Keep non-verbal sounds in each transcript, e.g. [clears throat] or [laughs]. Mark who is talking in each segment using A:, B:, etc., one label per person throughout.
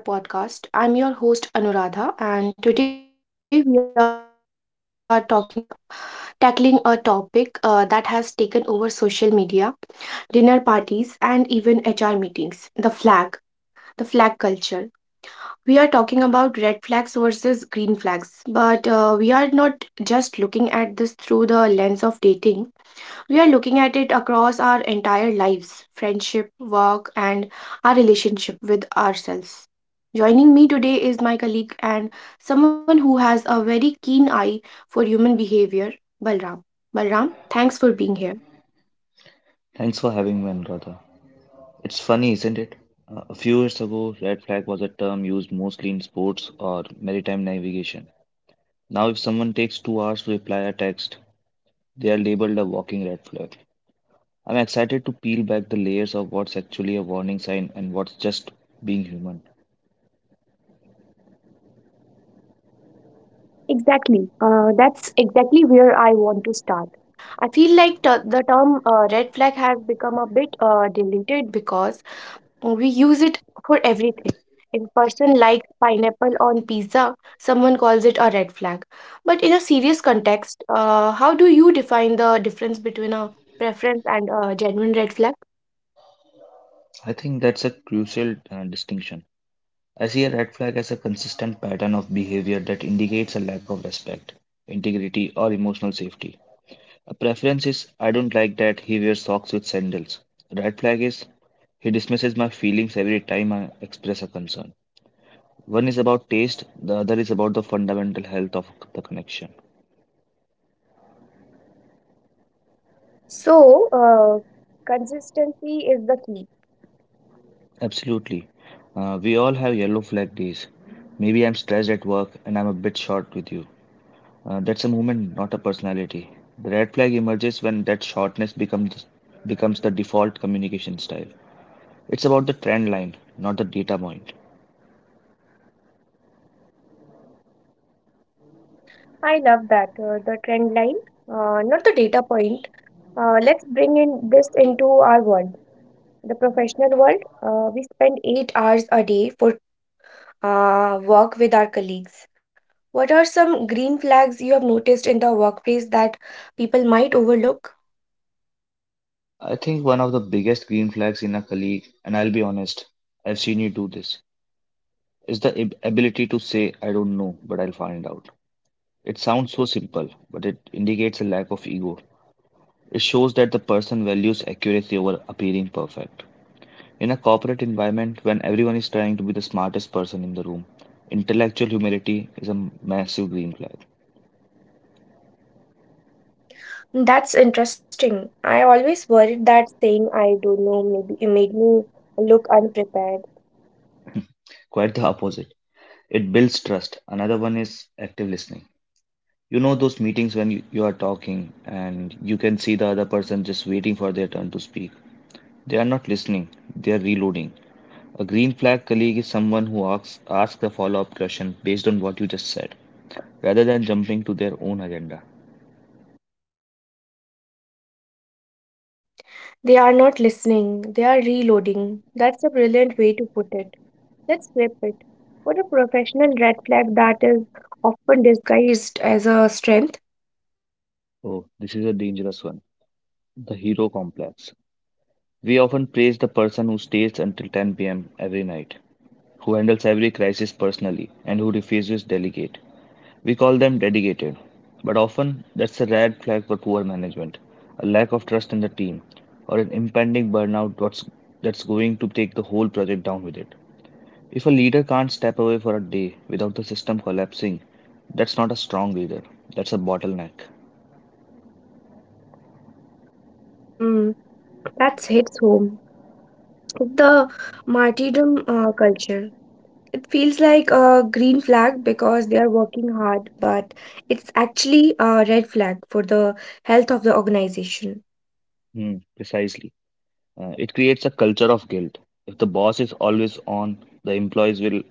A: Welcome back to another episode of our podcast. I'm your host Anuradha, and today we are talking tackling a topic that has taken over social media, dinner parties, and even HR meetings. The flag culture. We are talking about red flags versus green flags, but we are not just looking at this through the lens of dating. We are looking at it across our entire lives, friendship, work, and our relationship with ourselves. Joining me today is my colleague and someone who has a very keen eye for human behavior, Balram. Balram, thanks for being here.
B: Thanks for having me, Anuradha. It's funny, isn't it? A few years ago, red flag was a term used mostly in sports or maritime navigation. Now, if someone takes 2 hours to reply a text, they are labeled a walking red flag. I'm excited to peel back the layers of what's actually a warning sign and what's just being human.
A: Exactly. That's exactly where I want to start. I feel like the term red flag has become a bit diluted because we use it for everything. If a person likes pineapple on pizza, someone calls it a red flag. But in a serious context, how do you define the difference between a preference and a genuine red flag?
B: I think that's a crucial distinction. I see a red flag as a consistent pattern of behavior that indicates a lack of respect, integrity, or emotional safety. A preference is I don't like that he wears socks with sandals. Red flag is he dismisses my feelings every time I express a concern. One is about taste, the other is about the fundamental health of the connection.
A: So, consistency is the key.
B: Absolutely. We all have yellow flag days. Maybe I'm stressed at work and I'm a bit short with you. That's a moment, not a personality. The red flag emerges when that shortness becomes the default communication style. It's about the trend line, not the data point.
A: I love that. The trend line, not the data point. Let's bring in this into our world, the professional world. We spend 8 hours a day work with our colleagues. What are some green flags you have noticed in the workplace that people might overlook?
B: I think one of the biggest green flags in a colleague, and I'll be honest, I've seen you do this, is the ability to say, I don't know, but I'll find out. It sounds so simple, but it indicates a lack of ego. It shows that the person values accuracy over appearing perfect. In a corporate environment, when everyone is trying to be the smartest person in the room, intellectual humility is a massive green flag.
A: That's interesting. I always worried that saying I don't know maybe it made me look unprepared.
B: Quite the opposite. It builds trust. Another one is active listening. You know those meetings when you are talking and you can see the other person just waiting for their turn to speak. They are not listening, they are reloading. A green flag colleague is someone who asks a follow-up question based on what you just said, rather than jumping to their own agenda.
A: Hmm. They are not listening, they are reloading. That's a brilliant way to put it. Let's flip it. What a professional red flag that is often disguised as a strength.
B: Oh, this is a dangerous one. The hero complex. We often praise the person who stays until 10 p.m. every night, who handles every crisis personally, and who refuses to delegate. We call them dedicated, but often that's a red flag for poor management, a lack of trust in the team, or an impending burnout that's going to take the whole project down with it. If a leader can't step away for a day without the system collapsing, that's not a strong leader, that's a bottleneck.
A: Mm, that hits home. The martyrdom culture. It feels like a green flag because they are working hard, but it's actually a red flag for the health of the organization.
B: Hmm, precisely. It creates a culture of guilt. If the boss is always on, the employees will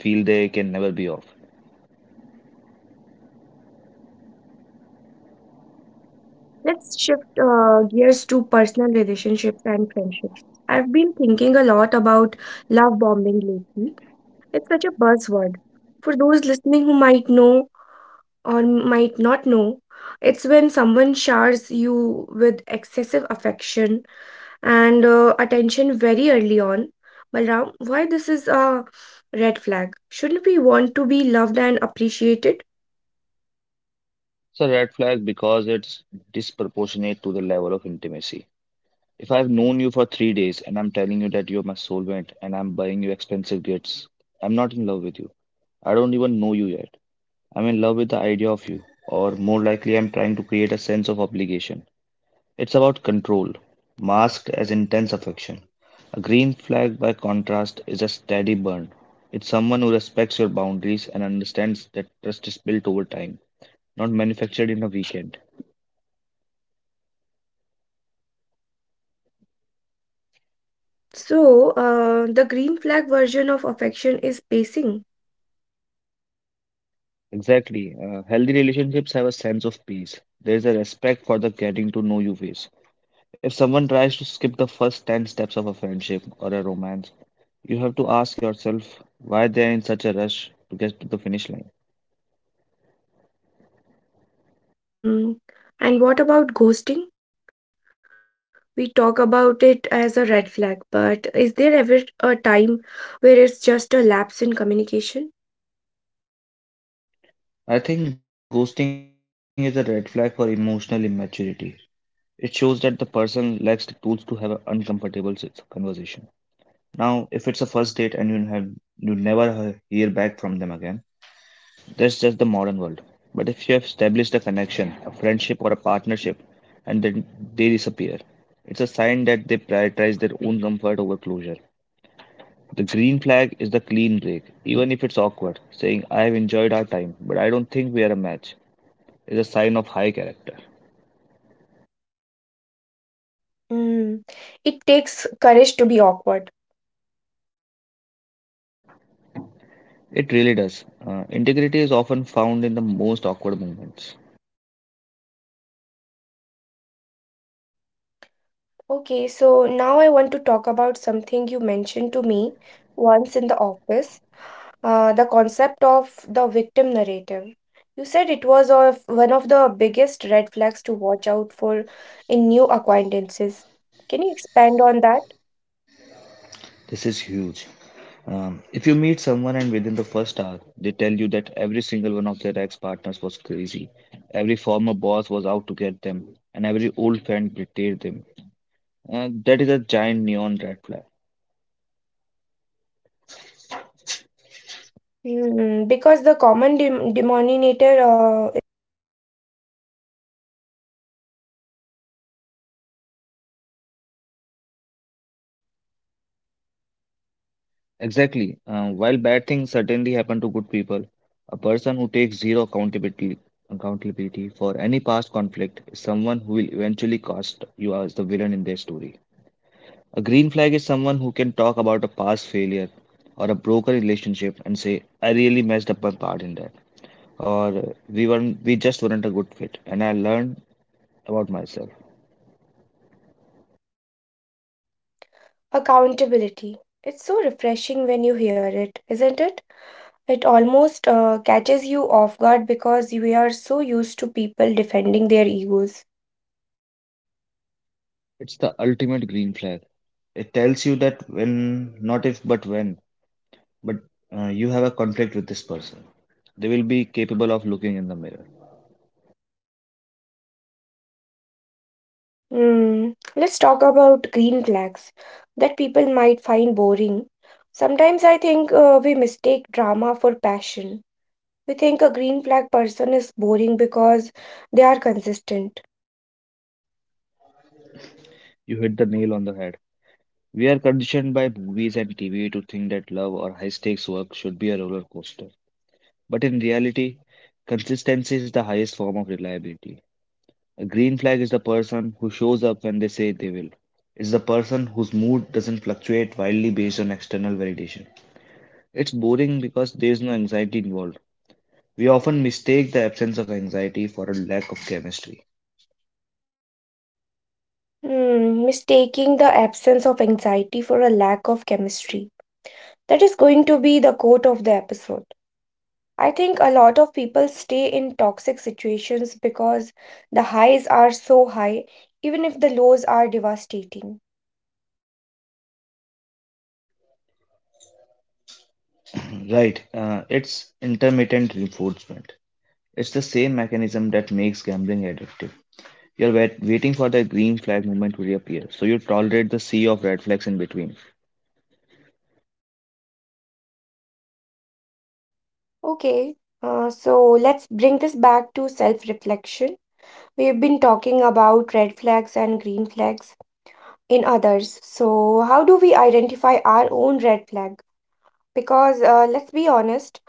B: feel they can never be off.
A: Let's shift gears to personal relationships and friendships. I've been thinking a lot about love bombing lately. It's such a buzzword. For those listening who might know or might not know. It's when someone showers you with excessive affection and attention very early on. Balram, why this is a red flag? Shouldn't we want to be loved and appreciated?
B: It's a red flag because it's disproportionate to the level of intimacy. If I've known you for 3 days and I'm telling you that you're my soulmate and I'm buying you expensive gifts, I'm not in love with you. I don't even know you yet. I'm in love with the idea of you, or more likely, I'm trying to create a sense of obligation. It's about control, masked as intense affection. A green flag, by contrast, is a steady burn. It's someone who respects your boundaries and understands that trust is built over time, not manufactured in a weekend.
A: So, the green flag version of affection is pacing.
B: Exactly. Healthy relationships have a sense of peace. There is a respect for the getting to know you phase. If someone tries to skip the first 10 steps of a friendship or a romance, you have to ask yourself why they are in such a rush to get to the finish line.
A: Mm. And what about ghosting? We talk about it as a red flag, but is there ever a time where it's just a lapse in communication?
B: I think ghosting is a red flag for emotional immaturity. It shows that the person lacks the tools to have an uncomfortable conversation. Now, if it's a first date and you never hear back from them again, that's just the modern world. But if you have established a connection, a friendship, or a partnership, and then they disappear, it's a sign that they prioritize their own comfort over closure. The green flag is the clean break, even if it's awkward, saying, I have enjoyed our time, but I don't think we are a match, is a sign of high character.
A: Mm, it takes courage to be awkward.
B: It really does. Integrity is often found in the most awkward moments.
A: Okay, so now I want to talk about something you mentioned to me once in the office, the concept of the victim narrative. You said it was of one of the biggest red flags to watch out for in new acquaintances. Can you expand on that?
B: This is huge. If you meet someone and within the first hour they tell you that every single one of their ex-partners was crazy, every former boss was out to get them, and every old friend betrayed them, that is a giant neon red flag.
A: Mm, because the common dem denominator,
B: Exactly. While bad things certainly happen to good people, a person who takes zero accountability for any past conflict is someone who will eventually cast you as the villain in their story. A green flag is someone who can talk about a past failure or a broken relationship and say, I really messed up my part in that. Or we just weren't a good fit and I learned about myself.
A: accountability. It's so refreshing when you hear it, isn't it? It almost catches you off guard because we are so used to people defending their egos.
B: It's the ultimate green flag. It tells you that when not if but when, but you have a contract with this person. They will be capable of looking in the mirror.
A: Hmm. Let's talk about green flags that people might find boring. Sometimes I think we mistake drama for passion. We think a green flag person is boring because they are consistent.
B: You hit the nail on the head. We are conditioned by movies and TV to think that love or high stakes work should be a roller coaster. But in reality, consistency is the highest form of reliability. A green flag is the person who shows up when they say they will. It's the person whose mood doesn't fluctuate wildly based on external validation. It's boring because there is no anxiety involved. We often mistake the absence of anxiety for a lack of chemistry.
A: Hmm. Mistaking the absence of anxiety for a lack of chemistry. That is going to be the quote of the episode. I think a lot of people stay in toxic situations because the highs are so high, even if the lows are devastating.
B: [clears throat] Right, it's intermittent reinforcement. It's the same mechanism that makes gambling addictive. You're waiting for the green flag moment to reappear, so you tolerate the sea of red flags in between.
A: Okay, so let's bring this back to self reflection. We've been talking about red flags and green flags in others. So, how do we identify our own red flag? Because let's be honest,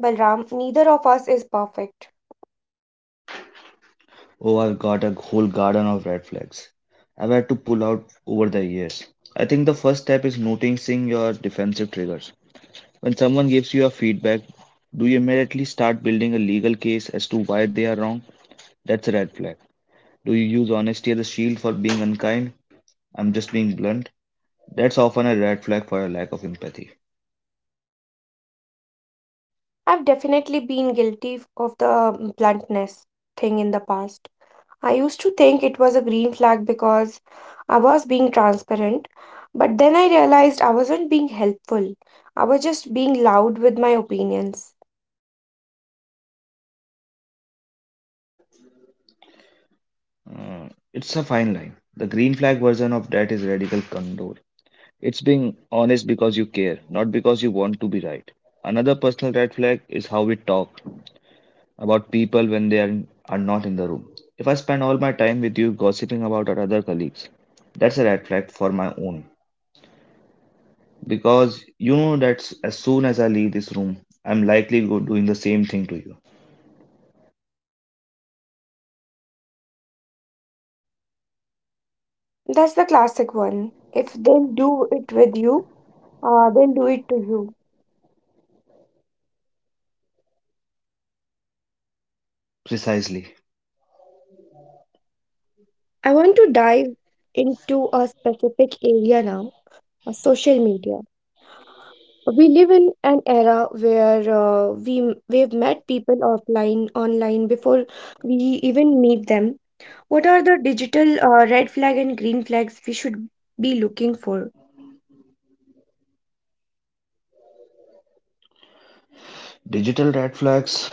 A: Balram, neither of us is perfect.
B: Oh, I've got a whole garden of red flags. I've had to pull out over the years. I think the first step is noticing your defensive triggers. When someone gives you a feedback, do you immediately start building a legal case as to why they are wrong? That's a red flag. Do you use honesty as a shield for being unkind? I'm just being blunt. That's often a red flag for a lack of empathy.
A: I've definitely been guilty of the bluntness thing in the past. I used to think it was a green flag because I was being transparent, but then I realized I wasn't being helpful. I was just being loud with my opinions.
B: It's a fine line. The green flag version of that is radical condor. It's being honest because you care, not because you want to be right. Another personal red flag is how we talk about people when they are not in the room. If I spend all my time with you gossiping about our other colleagues, that's a red flag for my own. Because you know that as soon as I leave this room, I'm likely go doing the same thing to you.
A: That's the classic one. If they'll do it with you, they'll do it to you.
B: Precisely.
A: I want to dive into a specific area now, social media. We live in an era where we've met people offline, online before we even meet them. What are the digital red flag and green flags we should be looking for?
B: Digital red flags.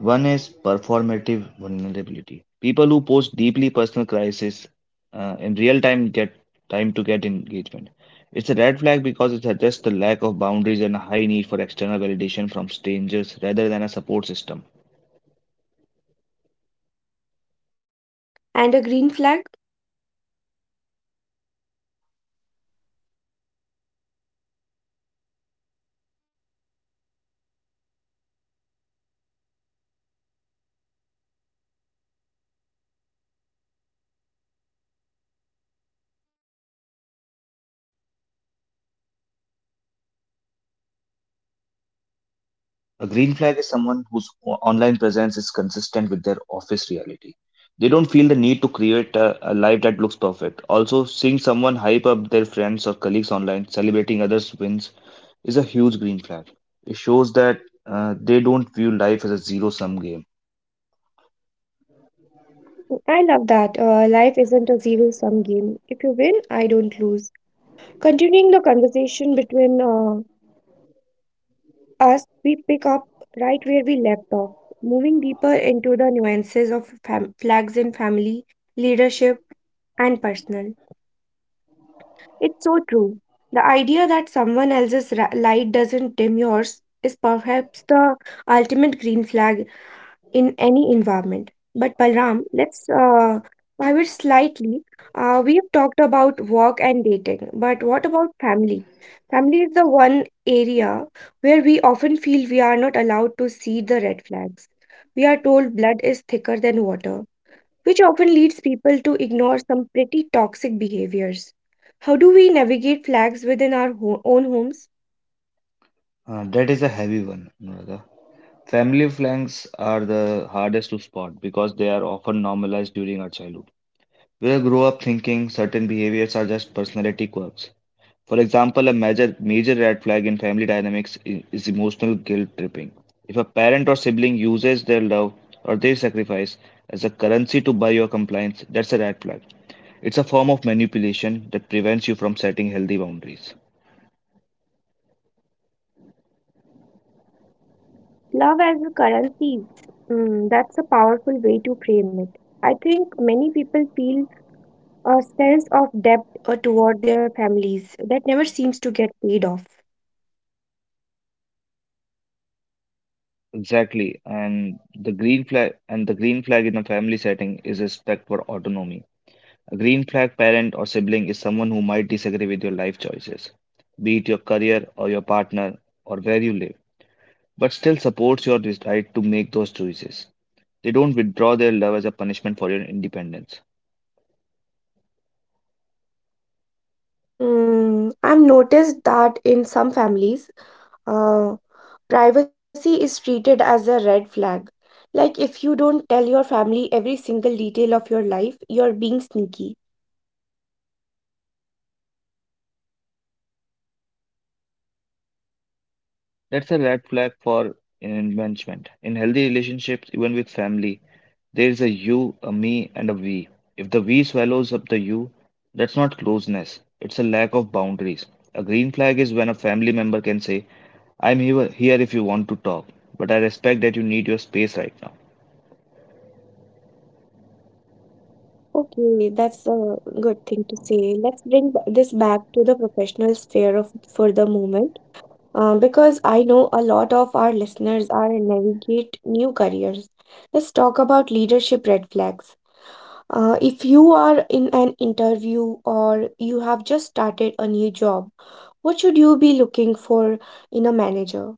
B: One is performative vulnerability. People who post deeply personal crises in real time get time to get engagement. It's a red flag because it suggests the lack of boundaries and a high need for external validation from strangers rather than a support system.
A: And a green flag?
B: A green flag is someone whose online presence is consistent with their office reality. They don't feel the need to create a life that looks perfect. Also, seeing someone hype up their friends or colleagues online, celebrating others' wins, is a huge green flag. It shows that they don't view life as a zero sum game.
A: I love that. Life isn't a zero sum game. If you win, I don't lose. Continuing the conversation between us, we pick up right where we left off, moving deeper into the nuances of flags in family, leadership, and personal. It's so true. The idea that someone else's light doesn't dim yours is perhaps the ultimate green flag in any environment. But Balram, let's pivot slightly. We've talked about work and dating, but what about family? Family is the one area where we often feel we are not allowed to see the red flags. We are told blood is thicker than water, which often leads people to ignore some pretty toxic behaviors. How do we navigate flags within our own homes?
B: That is a heavy one, Anuradha. Family flags are the hardest to spot because they are often normalized during our childhood. We grow up thinking certain behaviors are just personality quirks. For example, a major red flag in family dynamics is emotional guilt tripping. If a parent or sibling uses their love or their sacrifice as a currency to buy your compliance, that's a red flag. It's a form of manipulation that prevents you from setting healthy boundaries.
A: Love as a currency. Mm, that's a powerful way to frame it. I think many people feel a sense of debt toward their families that never seems to get paid off.
B: Exactly. And the green flag in a family setting is respect for autonomy. A green flag parent or sibling is someone who might disagree with your life choices, be it your career or your partner or where you live, but still supports your right to make those choices. They don't withdraw their love as a punishment for your independence.
A: Hmm, I've noticed that in some families, uh, privacy is treated as a red flag. Like if you don't tell your family every single detail of your life, you're being sneaky.
B: That's a red flag for enmeshment. In healthy relationships, even with family, there is a you, a me, and a we. If the we swallows up the you, that's not closeness, it's a lack of boundaries. A green flag is when a family member can say, I'm here if you want to talk, but I respect that you need your space right now.
A: Okay, that's a good thing to say. Let's bring this back to the professional sphere of for the moment. Because I know a lot of our listeners are navigate new careers. Let's talk about leadership red flags. If you are in an interview or you have just started a new job, what should you be looking for in a manager?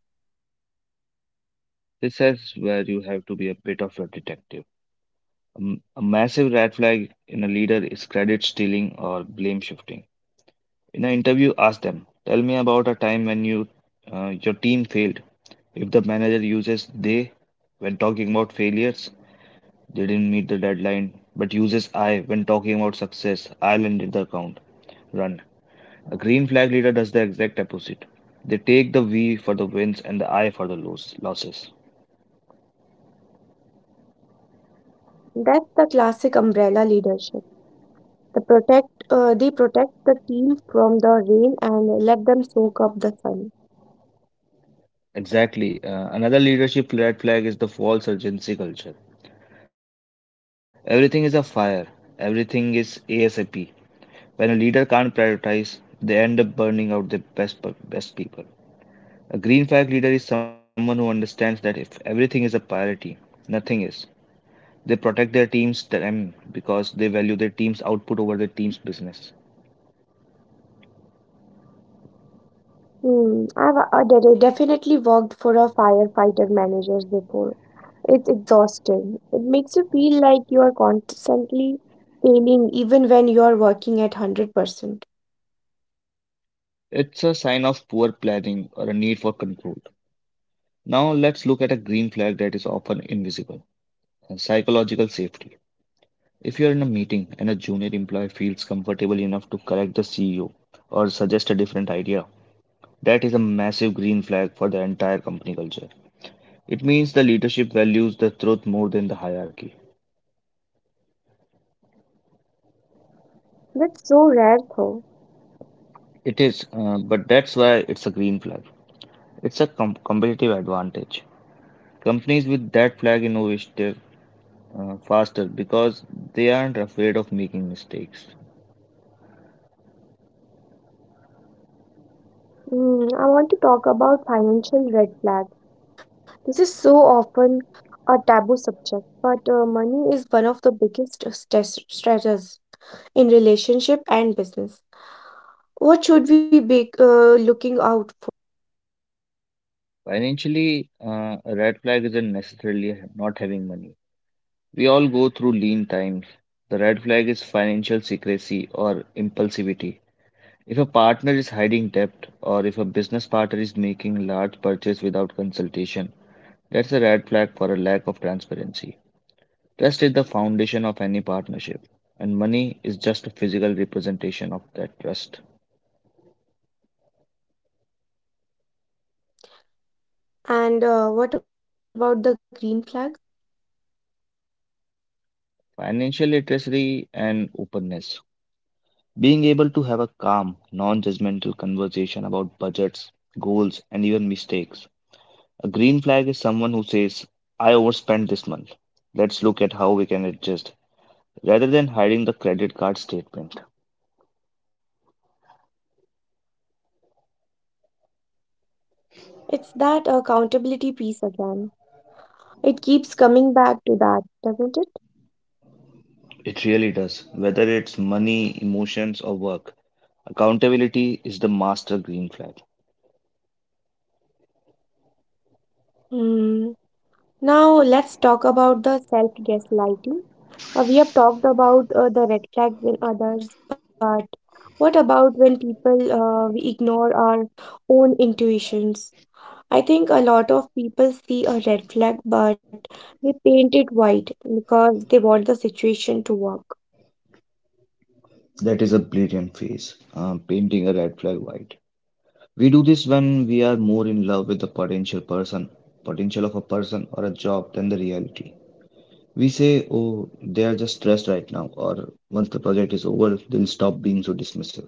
B: This is where you have to be a bit of a detective. A massive red flag in a leader is credit stealing or blame shifting. In an interview, ask them, "Tell me about a time when your team failed." If the manager uses they when talking about failures, they didn't meet the deadline, but uses I when talking about success, I landed the account. Run. A green flag leader does the exact opposite. They take the V for the wins and the I for the losses.
A: That's the classic umbrella leadership. The protect, they protect the team from the rain and let them soak up the sun.
B: Exactly. Another leadership red flag is the false urgency culture. Everything is a fire. Everything is ASAP. When a leader can't prioritize, they end up burning out the best people. A green flag leader is someone who understands that if everything is a priority, nothing is. They protect their team's time because they value their team's output over their team's business.
A: Hmm, I've definitely worked for a firefighter managers before. It's exhausting. It makes you feel like you are constantly failing even when you are working at 100%.
B: It's a sign of poor planning or a need for control. Now let's look at a green flag that is often invisible, psychological safety. If you are in a meeting and a junior employee feels comfortable enough to correct the CEO or suggest a different idea, that is a massive green flag for the entire company culture. It means the leadership values the truth more than the hierarchy.
A: That's so rare though.
B: It is, but that's why it's a green flag. It's a competitive advantage. Companies with that flag innovate faster because they aren't afraid of making mistakes.
A: Hmm, I want to talk about financial red flags. This is so often a taboo subject, but money is one of the biggest stressors in relationship and business. What should we be looking out for?
B: Financially, a red flag isn't necessarily not having money. We all go through lean times. The red flag is financial secrecy or impulsivity. If a partner is hiding debt or if a business partner is making large purchase without consultation, that's a red flag for a lack of transparency. Trust is the foundation of any partnership, and money is just a physical representation of that trust.
A: And what about the green flag?
B: Financial literacy and openness. Being able to have a calm, non judgmental conversation about budgets, goals, and even mistakes. A green flag is someone who says, I overspent this month. Let's look at how we can adjust, rather than hiding the credit card statement.
A: It's that accountability piece again. It keeps coming back to that, doesn't it?
B: It really does, whether it's money, emotions, or work. Accountability is the master green flag.
A: Hmm. Now let's talk about the self-gaslighting. We have talked about the red flags in others, but what about when people we ignore our own intuitions? I think a lot of people see a red flag, but they paint it white because they want the situation to work.
B: That is a brilliant phase, painting a red flag white. We do this when we are more in love with the potential of a person or a job than the reality. We say, oh, they are just stressed right now, or once the project is over, they'll stop being so dismissive.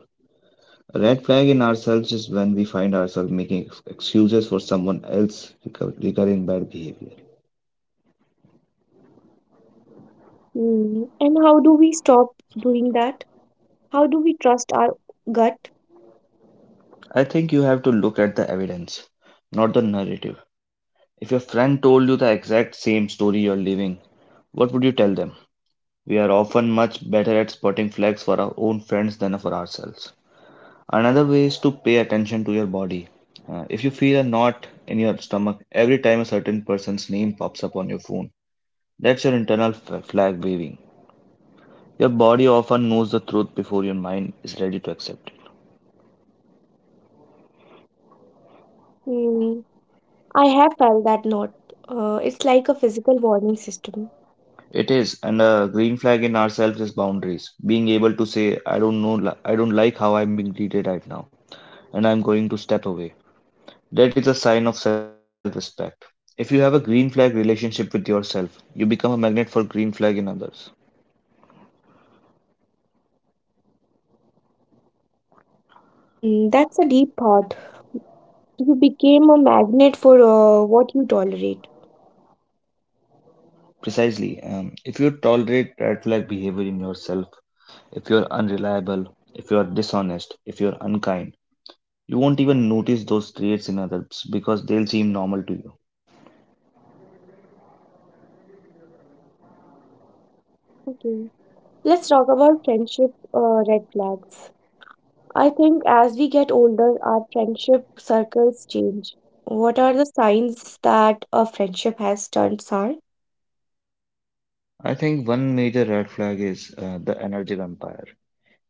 B: A red flag in ourselves is when we find ourselves making excuses for someone else recurring bad behavior.
A: Hmm. And how do we stop doing that? How do we trust our gut?
B: I think you have to look at the evidence, not the narrative. If your friend told you the exact same story you're living, what would you tell them? We are often much better at spotting flags for our own friends than for ourselves. Another way is to pay attention to your body. If you feel a knot in your stomach every time a certain person's name pops up on your phone, that's your internal flag waving. Your body often knows the truth before your mind is ready to accept it.
A: Hmm, I have felt that note. It's like a physical warning system.
B: It is, and a green flag in ourselves is boundaries. Being able to say, I don't know, I don't like how I'm being treated right now, and I'm going to step away. That is a sign of self respect. If you have a green flag relationship with yourself, you become a magnet for green flag in others.
A: Hmm, that's a deep thought. You became a magnet for what you tolerate.
B: Precisely. If you tolerate red flag behavior in yourself, if you're unreliable, if dishonest, if you're unkind, you won't even notice those traits in others because they'll seem normal to you.
A: Okay. Let's talk about friendship red flags. I think as we get older, our friendship circles change. What are the signs that a friendship has turned sour?
B: I think one major red flag is the energy vampire.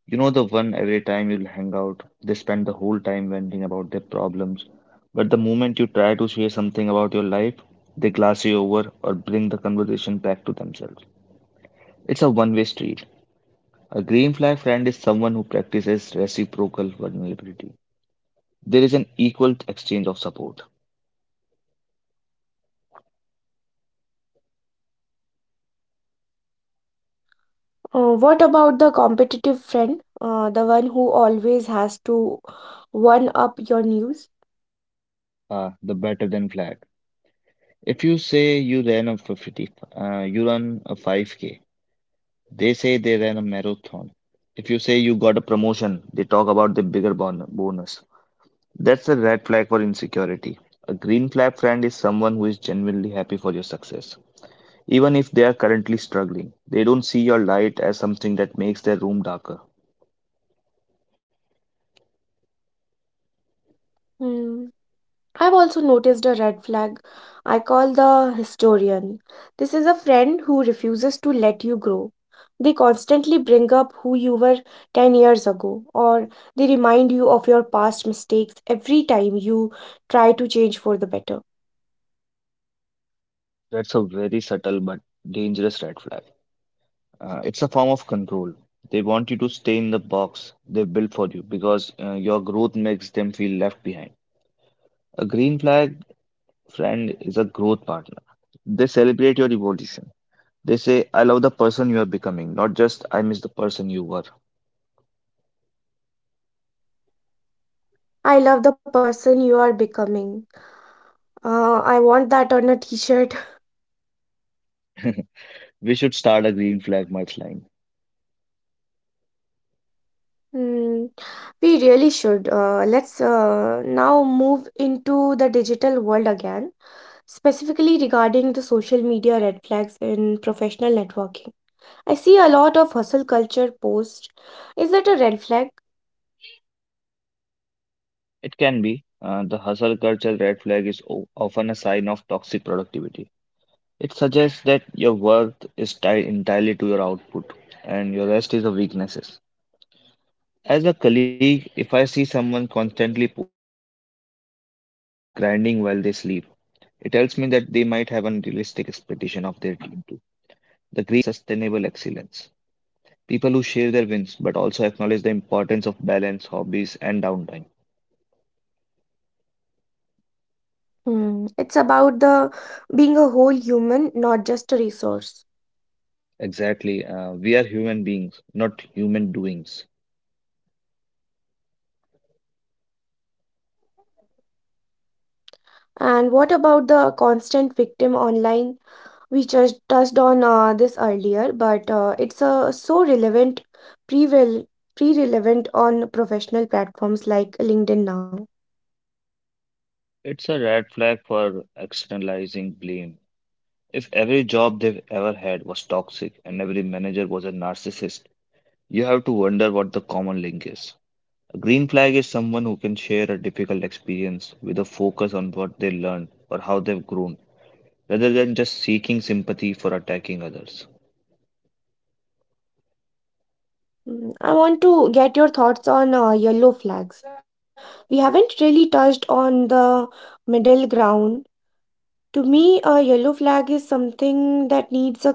B: You know, the one every time you'll hang out, they spend the whole time venting about their problems. But the moment you try to share something about your life, they glass you over or bring the conversation back to themselves. It's a one way street. A green flag friend is someone who practices reciprocal vulnerability. There is an equal exchange of support.
A: What about the competitive friend? The one who always has to one up your news?
B: Ah, the better than flag. If you say you ran you run a 5K, they say they ran a marathon. If you say you got a promotion, they talk about the bigger bonus. That's a red flag for insecurity. A green flag friend is someone who is genuinely happy for your success. Even if they are currently struggling, they don't see your light as something that makes their room darker.
A: Hmm, I've also noticed a red flag I call the historian. This is a friend who refuses to let you grow. They constantly bring up who you were 10 years ago, or they remind you of your past mistakes every time you try to change for the better.
B: That's a very subtle but dangerous red flag. It's a form of control. They want you to stay in the box they built for you because your growth makes them feel left behind. A green flag friend is a growth partner. They celebrate your evolution. They say, I love the person you are becoming, not just I miss the person you were.
A: I love the person you are becoming. I want that on a t shirt. [laughs]
B: We should start a green flag merch line.
A: Hmm, we really should. Let's now move into the digital world again. Specifically regarding the social media red flags in professional networking, I see a lot of hustle culture posts. Is that a red flag?
B: It can be. The hustle culture red flag is often a sign of toxic productivity. It suggests that your worth is tied entirely to your output and your rest is a weakness. As a colleague, if I see someone constantly posting about grinding while they sleep, it tells me that they might have unrealistic expectation of their team too. The green flag is sustainable excellence. People who share their wins but also acknowledge the importance of balance, hobbies, and downtime.
A: Hmm. It's about the being a whole human, not just a resource.
B: Exactly. We are human beings, not human doings.
A: And what about the constant victim online? We just touched on this earlier, but it's so relevant, pre-relevant on professional platforms like LinkedIn now.
B: It's a red flag for externalizing blame. If every job they've ever had was toxic and every manager was a narcissist, you have to wonder what the common link is. A green flag is someone who can share a difficult experience with a focus on what they learned or how they've grown, rather than just seeking sympathy for attacking others.
A: Mm, I want to get your thoughts on yellow flags. We haven't really touched on the middle ground. To me, a yellow flag is something that needs a conversation,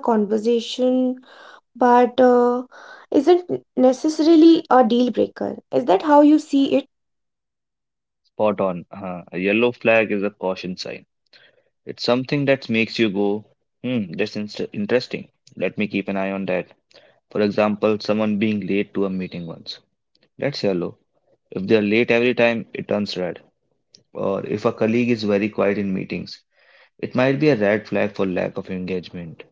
A: but isn't necessarily a deal breaker. Is that how you see it?
B: Spot on. A yellow flag is a caution sign. It's something that makes you go, hmm, that's inst interesting. Let me keep an eye on that. For example, someone being late to a meeting once. That's yellow. If they're late every time, it turns red. Or if a colleague is very quiet in meetings, it might be a red flag for lack of engagement,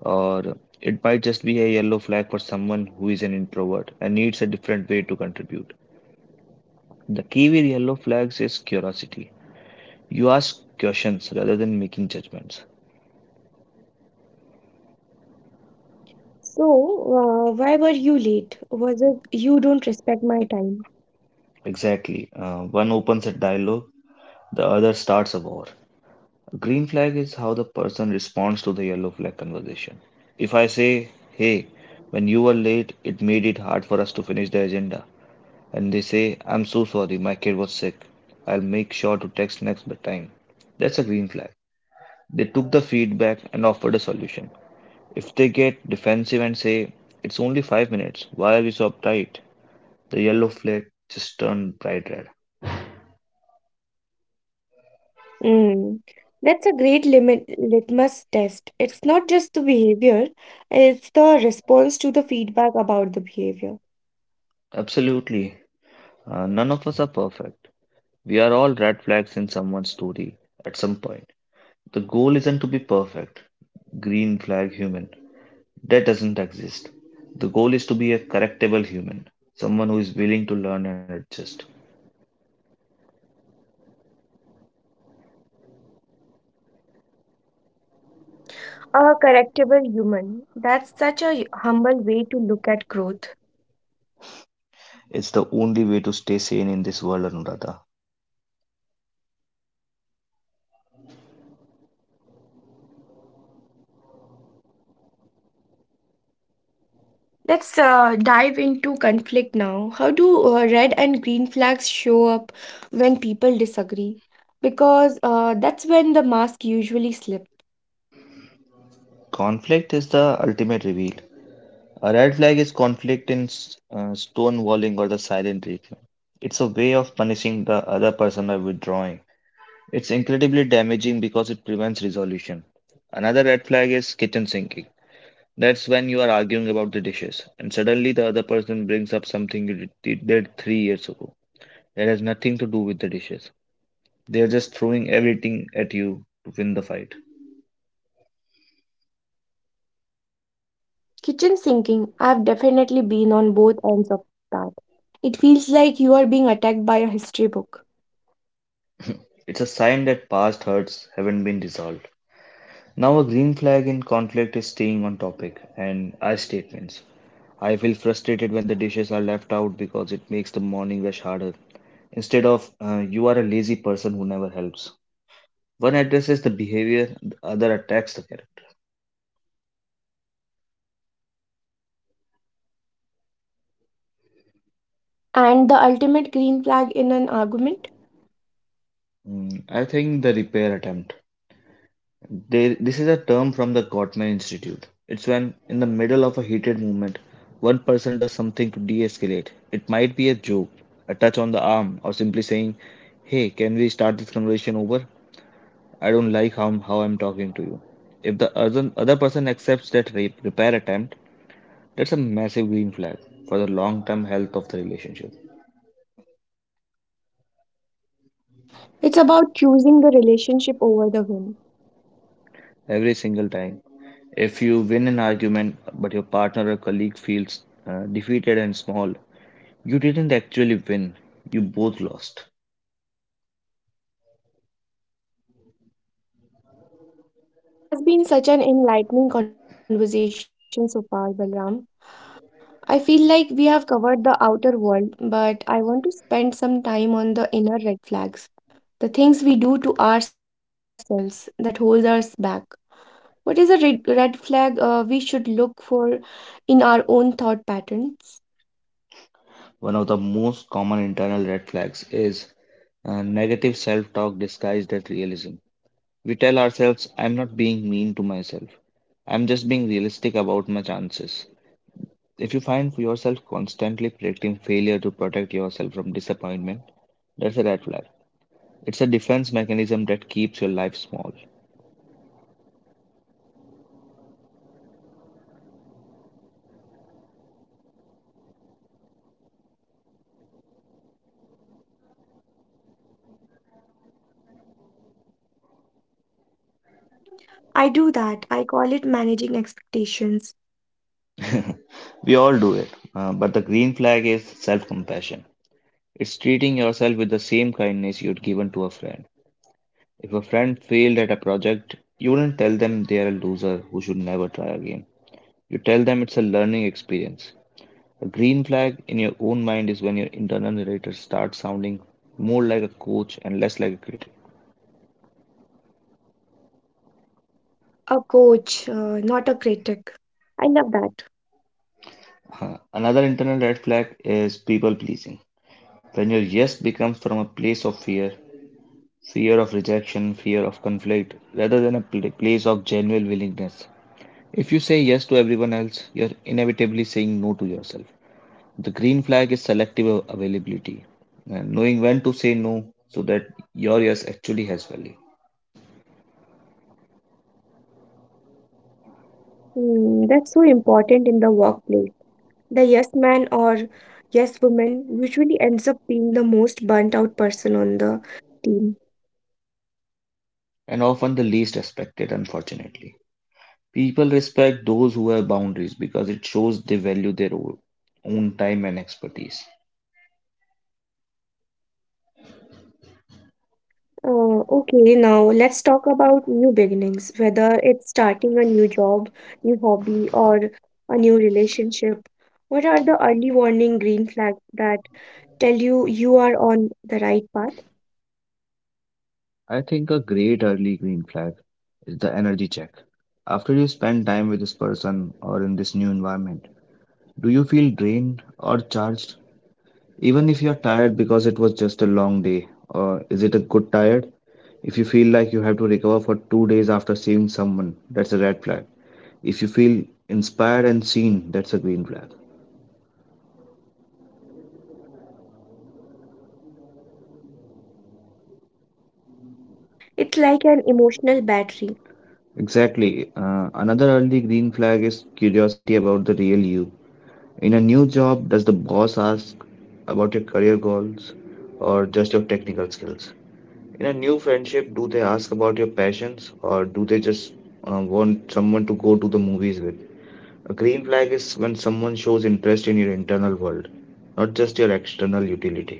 B: or it might just be a yellow flag for someone who is an introvert and needs a different way to contribute. The key with yellow flags is curiosity. You ask questions rather than making judgments.
A: So, why were you late? Was it you don't respect my time?
B: Exactly. One opens a dialogue, the other starts a war. A green flag is how the person responds to the yellow flag conversation. If I say, hey, when you were late, it made it hard for us to finish the agenda, and they say, I'm so sorry, my kid was sick. I'll make sure to text next time. That's a green flag. They took the feedback and offered a solution. If they get defensive and say, it's only 5 minutes, why are you so uptight? The yellow flag just turned bright red.
A: Mm. That's a great limit litmus test. It's not just the behavior, it's the response to the feedback about the behavior.
B: Absolutely. None of us are perfect. We are all red flags in someone's story at some point. The goal isn't to be perfect, green flag human. That doesn't exist. The goal is to be a correctable human, someone who is willing to learn and adjust.
A: A correctable human. That's such a humble way to look at growth.
B: It's the only way to stay sane in this world, Anuradha.
A: Let's dive into conflict now. How do red and green flags show up when people disagree? Because that's when the mask usually slip.
B: Conflict is the ultimate reveal. A red flag is conflict in stonewalling or the silent treatment. It's a way of punishing the other person by withdrawing. It's incredibly damaging because it prevents resolution. Another red flag is kitchen sinking. That's when you are arguing about the dishes, and suddenly the other person brings up something did 3 years ago, that has nothing to do with the dishes. They are just throwing everything at you to win the fight.
A: Kitchen sinking, I've definitely been on both ends of that. It feels like you are being attacked by a history book.
B: It's a sign that past hurts haven't been resolved. Now, a green flag in conflict is staying on topic and I statements. I feel frustrated when the dishes are left out because it makes the morning rush harder. Instead of, you are a lazy person who never helps. One addresses the behavior, the other attacks the character.
A: And the ultimate green flag in an argument?
B: Mm, I think the repair attempt. This is a term from the Gottman Institute. It's when, in the middle of a heated movement, one person does something to de escalate. It might be a joke, a touch on the arm, or simply saying, hey, can we start this conversation over? I don't like how I'm talking to you. If the other person accepts that repair attempt, that's a massive green flag for the long term health of the relationship.
A: It's about choosing the relationship over the win.
B: Every single time. If you win an argument but your partner or colleague feels defeated and small, you didn't actually win, you both lost.
A: This has been such an enlightening conversation so far, Balram. I feel like we have covered the outer world, but I want to spend some time on the inner red flags, the things we do to ourselves that hold us back. What is a red flag we should look for in our own thought patterns?
B: One of the most common internal red flags is negative self talk disguised as realism. We tell ourselves, I'm not being mean to myself, I'm just being realistic about my chances. If you find yourself constantly predicting failure to protect yourself from disappointment, that's a red flag. It's a defense mechanism that keeps your life small.
A: I do that. I call it managing expectations.
B: We all do it, but the green flag is self compassion. It's treating yourself with the same kindness you'd given to a friend. If a friend failed at a project, you wouldn't tell them they're a loser who should never try again. You tell them it's a learning experience. A green flag in your own mind is when your internal narrator starts sounding more like a coach and less like a critic.
A: A coach, not a critic. I love that.
B: Huh. Another internal red flag is people pleasing. When your yes becomes from a place of fear, fear of rejection, fear of conflict, rather than a place of genuine willingness, if you say yes to everyone else, you're inevitably saying no to yourself. The green flag is selective availability, and knowing when to say no so that your yes actually has value,
A: Hmm, that's so important in the workplace. The yes man or yes woman usually ends up being the most burnt out person on the team.
B: and often the least respected, unfortunately. People respect those who have boundaries because it shows they value their own time and expertise.
A: Okay, now let's talk about new beginnings, whether it's starting a new job, new hobby, or a new relationship. What are the early warning green flags that tell you you are on the right path?
B: I think a great early green flag is the energy check. After you spend time with this person or in this new environment, do you feel drained or charged? Even if you're tired because it was just a long day, or is it a good tired? If you feel like you have to recover for 2 days after seeing someone, that's a red flag. If you feel inspired and seen, that's a green flag.
A: It's like an emotional battery.
B: Exactly. Another early green flag is curiosity about the real you. In a new job, does the boss ask about your career goals or just your technical skills? In a new friendship, do they ask about your passions or do they just want someone to go to the movies with? A green flag is when someone shows interest in your internal world, not just your external utility.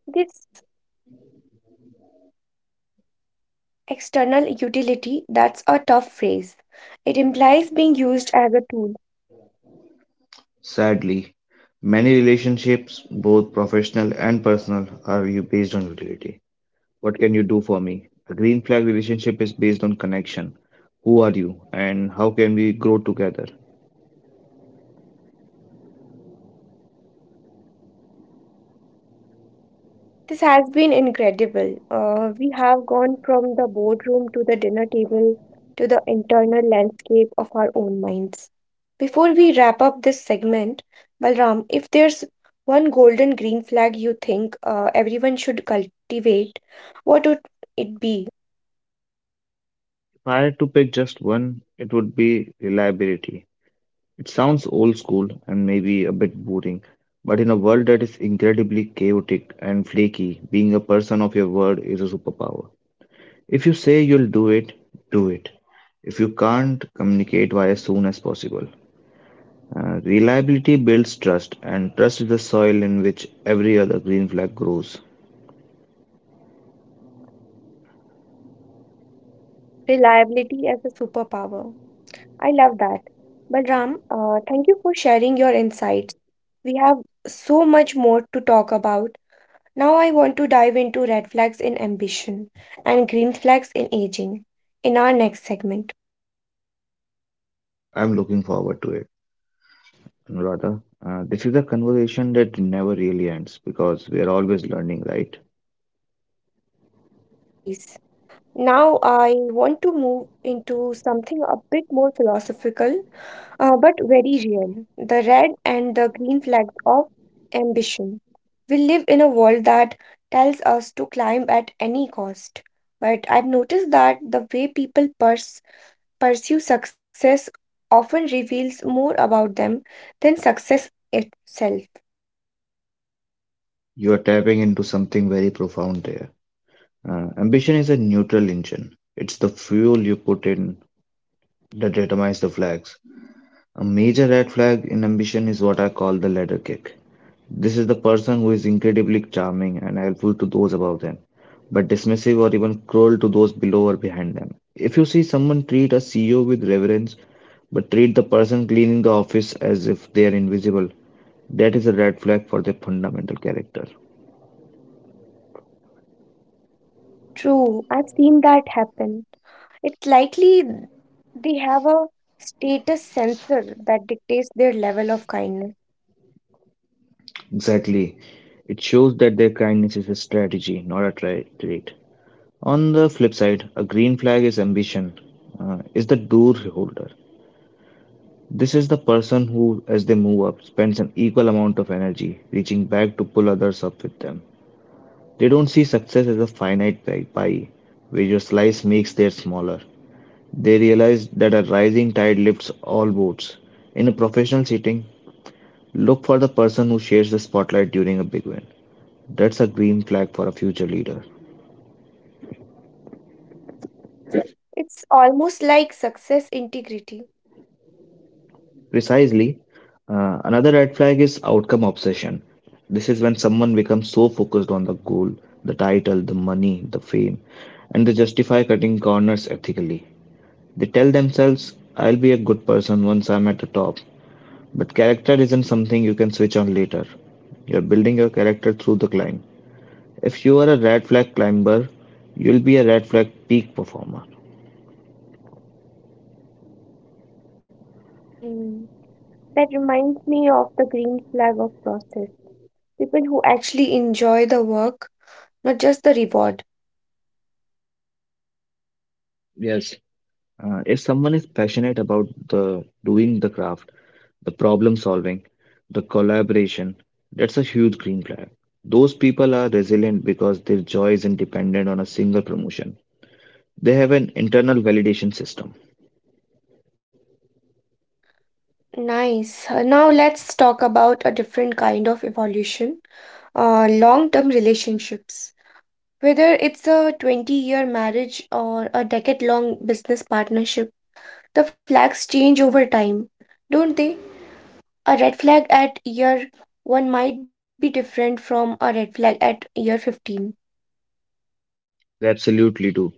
A: This external utility, that's a tough phrase. It implies being used as a tool.
B: Sadly, many relationships, both professional and personal, are based on utility. What can you do for me? A green flag relationship is based on connection. Who are you and how can we grow together?
A: This has been incredible. We have gone from the boardroom to the dinner table to the internal landscape of our own minds. Before we wrap up this segment, Balram, if there's one golden green flag you think everyone should cultivate, what would it be?
B: If I had to pick just one, it would be reliability. It sounds old school and maybe a bit boring, but in a world that is incredibly chaotic and flaky, being a person of your word is a superpower. If you say you'll do it, do it. If you can't, communicate why as soon as possible. Reliability builds trust, and trust is the soil in which every other green flag grows.
A: Reliability as a superpower. I love that. Balram, thank you for sharing your insights. We have so much more to talk about. Now I want to dive into red flags in ambition and green flags in aging in our next segment.
B: I'm looking forward to it, Anuradha. This is a conversation that never really ends because we are always learning, right?
A: Always. Now I want to move into something a bit more philosophical, but very real. The red and the green flags of ambition. We live in a world that tells us to climb at any cost. But I've noticed that the way people pursue success often reveals more about them than success itself.
B: You are tapping into something very profound there. Ambition is a neutral engine. It's the fuel you put in that determines the flags. A major red flag in ambition is what I call the ladder kick. This is the person who is incredibly charming and helpful to those above them, but dismissive or even cruel to those below or behind them. If you see someone treat a CEO with reverence, but treat the person cleaning the office as if they are invisible, that is a red flag for their fundamental character.
A: True, I've seen that happen. It's likely they have a status sensor that dictates their level of kindness.
B: Exactly. It shows that their kindness is a strategy, not a trait. On the flip side, a green flag is ambition, is the door holder. This is the person who, as they move up, spends an equal amount of energy reaching back to pull others up with them. They don't see success as a finite pie where your slice makes theirs smaller. They realize that a rising tide lifts all boats. In a professional setting, look for the person who shares the spotlight during a big win. That's a green flag for a future leader.
A: It's almost like success integrity.
B: Precisely. Another red flag is outcome obsession. This is when someone becomes so focused on the goal, the title, the money, the fame, and they justify cutting corners ethically. They tell themselves, I'll be a good person once I'm at the top. But character isn't something you can switch on later. You're building your character through the climb. If you are a red flag climber, you'll be a red flag peak performer.
A: Hmm. That reminds me of the green flag of process. People who actually enjoy the work, not just the reward.
B: Yes. If someone is passionate about the doing the craft, the problem solving, the collaboration, that's a huge green flag. Those people are resilient because their joy isn't dependent on a single promotion. They have an internal validation system.
A: Nice. Now let's talk about a different kind of evolution, long term relationships, whether it's a 20-year marriage or a decade long business partnership, the flags change over time, don't they? A red flag at year 1 might be different from a red flag at year 15.
B: They absolutely do.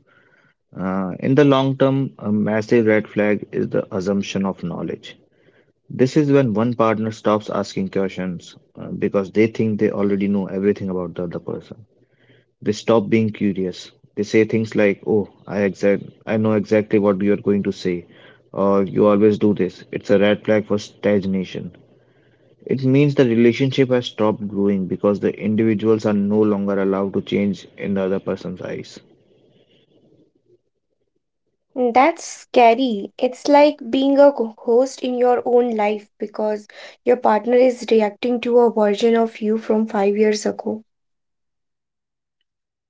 B: In the long term, a massive red flag is the assumption of knowledge. This is when one partner stops asking questions because they think they already know everything about the other person. They stop being curious. They say things like, "Oh, I know exactly what you're going to say," or "You always do this." It's a red flag for stagnation. It means the relationship has stopped growing because the individuals are no longer allowed to change in the other person's eyes.
A: Mm, that's scary. It's like being a co- host in your own life because your partner is reacting to a version of you from 5 years ago.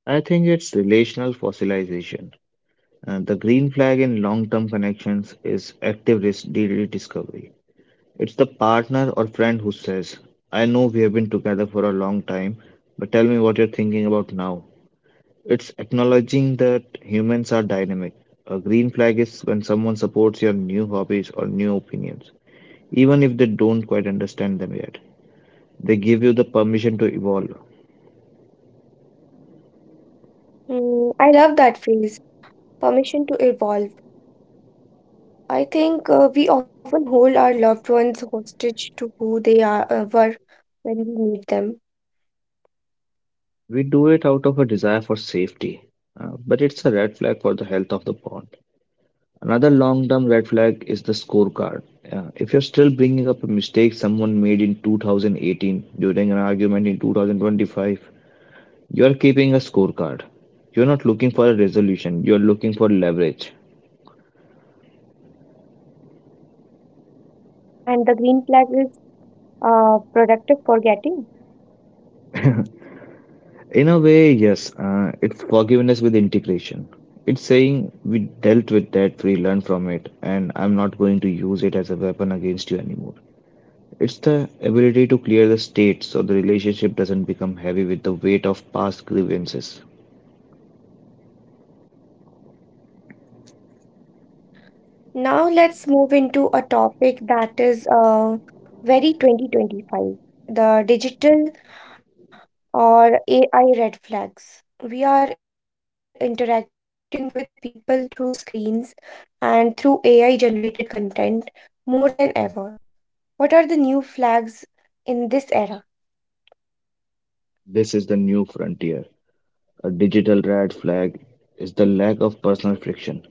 B: I think it's relational fossilization. The green flag in long term connections is active risk rediscovery. It's the partner or friend who says, I know we have been together for a long time, but tell me what you're thinking about now. It's acknowledging that humans are dynamic. A green flag is when someone supports your new hobbies or new opinions, even if they don't quite understand them yet. They give you the permission to evolve.
A: Mm, I love that phrase, permission to evolve. I think we often hold our loved ones hostage to who they are were when we meet them.
B: We do it out of a desire for safety, but it's a red flag for the health of the bond. Another long term red flag is the scorecard. If you're still bringing up a mistake someone made in 2018 during an argument in 2025, you're keeping a scorecard. You're not looking for a resolution, you're looking for leverage.
A: And the green flag is productive forgetting.
B: In a way, yes, it's forgiveness with integration. It's saying we dealt with that, we learned from it, and I'm not going to use it as a weapon against you anymore. It's the ability to clear the state so the relationship doesn't become heavy with the weight of past grievances.
A: Now let's move into a topic that is very 2025, the digital or AI red flags. We are interacting with people through screens and through AI generated content more than ever. What are the new flags in this era?
B: This is the new frontier. A digital red flag is the lack of personal friction.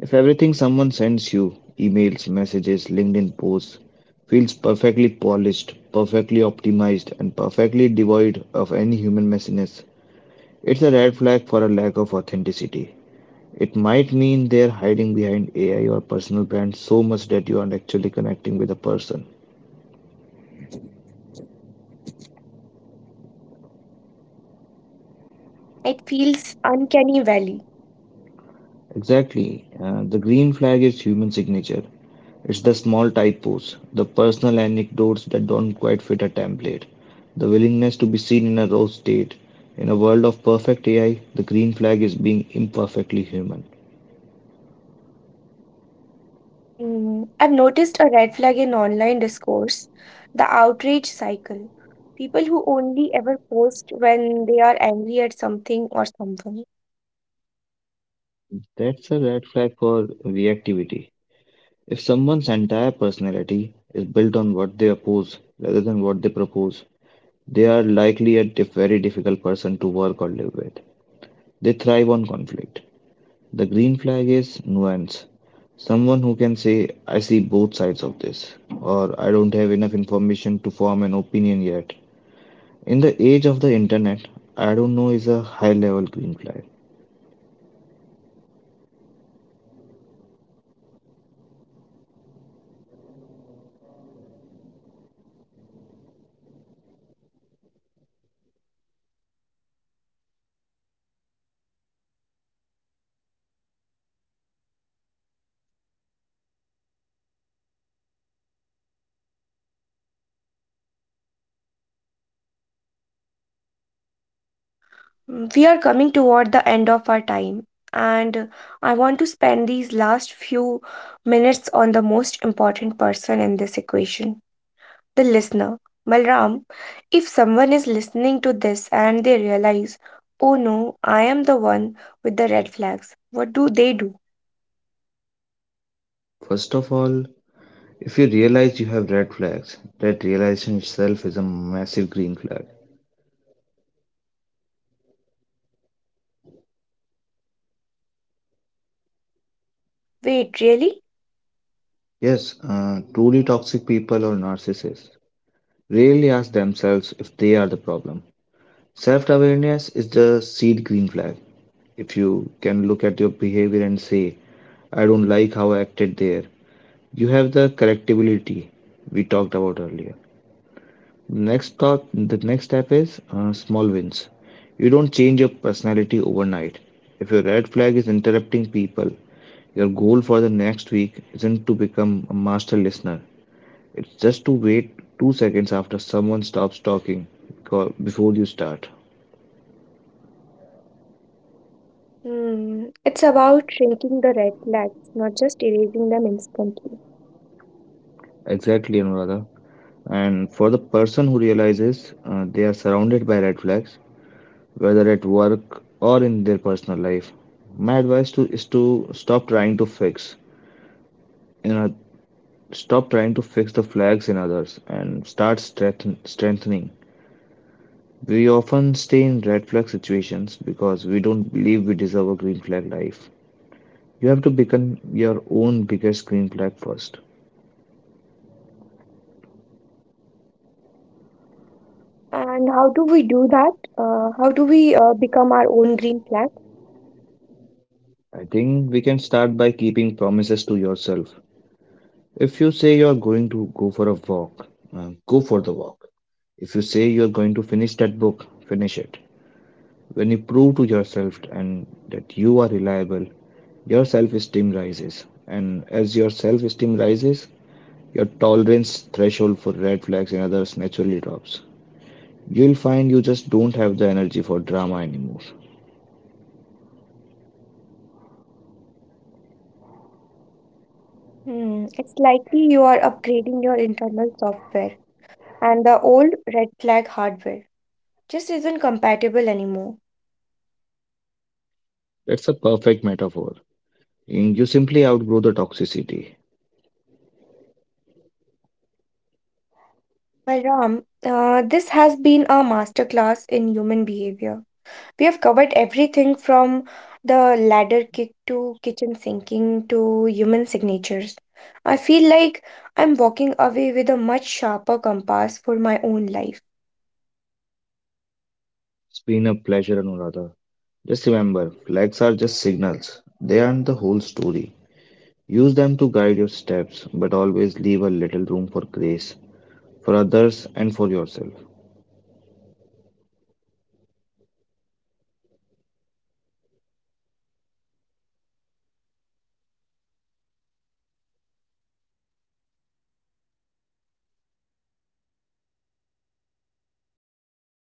B: If everything someone sends you, emails, messages, LinkedIn posts, feels perfectly polished, perfectly optimized, and perfectly devoid of any human messiness, it's a red flag for a lack of authenticity. It might mean they're hiding behind AI or personal brand so much that you aren't actually connecting with a person.
A: It feels uncanny valley.
B: Exactly. The green flag is human signature. It's the small typos, the personal anecdotes that don't quite fit a template, the willingness to be seen in a raw state. In a world of perfect AI, the green flag is being imperfectly human.
A: Hmm. I've noticed a red flag in online discourse, the outrage cycle. People who only ever post when they are angry at something or someone.
B: That's a red flag for reactivity. If someone's entire personality is built on what they oppose rather than what they propose, they are likely a very difficult person to work or live with. They thrive on conflict. The green flag is nuance. Someone who can say, I see both sides of this, or I don't have enough information to form an opinion yet. In the age of the internet, I don't know is a high level green flag.
A: Mm, we are coming toward the end of our time, and I want to spend these last few minutes on the most important person in this equation, the listener. Malram, if someone is listening to this and they realize, oh no, I am the one with the red flags, what do they do?
B: First of all, if you realize you have red flags, that realization itself is a massive green flag.
A: Wait, really?
B: Yes, truly toxic people or narcissists rarely ask themselves if they are the problem. Self-awareness is the seed green flag. If you can look at your behavior and say, I don't like how I acted there, you have the correctability we talked about earlier. The next step is small wins. You don't change your personality overnight. If your red flag is interrupting people, your goal for the next week isn't to become a master listener. It's just to wait 2 seconds after someone stops talking before you start.
A: Hmm. It's about shrinking the red flags, not just erasing them instantly.
B: Exactly, Anuradha. And for the person who realizes they are surrounded by red flags, whether at work or in their personal life, my advice to, is to you know, stop trying to fix the flags in others and start strengthening. We often stay in red flag situations because we don't believe we deserve a green flag life. You have to become your own biggest green flag first.
A: And how do we do that? How do we become our own green flag?
B: I think we can start by keeping promises to yourself. If you say you're going to go for a walk, go for the walk. If you say you're going to finish that book, finish it. When you prove to yourself and that you are reliable, your self-esteem rises. And as your self-esteem rises, your tolerance threshold for red flags and others naturally drops. You'll find you just don't have the energy for drama anymore.
A: Hmm. It's likely you are upgrading your internal software, and the old red flag hardware just isn't compatible anymore.
B: That's a perfect metaphor. And you simply outgrow the toxicity.
A: Balram, this has been a masterclass in human behavior. We have covered everything from the ladder kick to kitchen sinking to human signatures. I feel like I'm walking away with a much sharper compass for my own life.
B: It's been a pleasure, Anuradha. Just remember, flags are just signals. They aren't the whole story. Use them to guide your steps, but always leave a little room for grace, for others, and for yourself.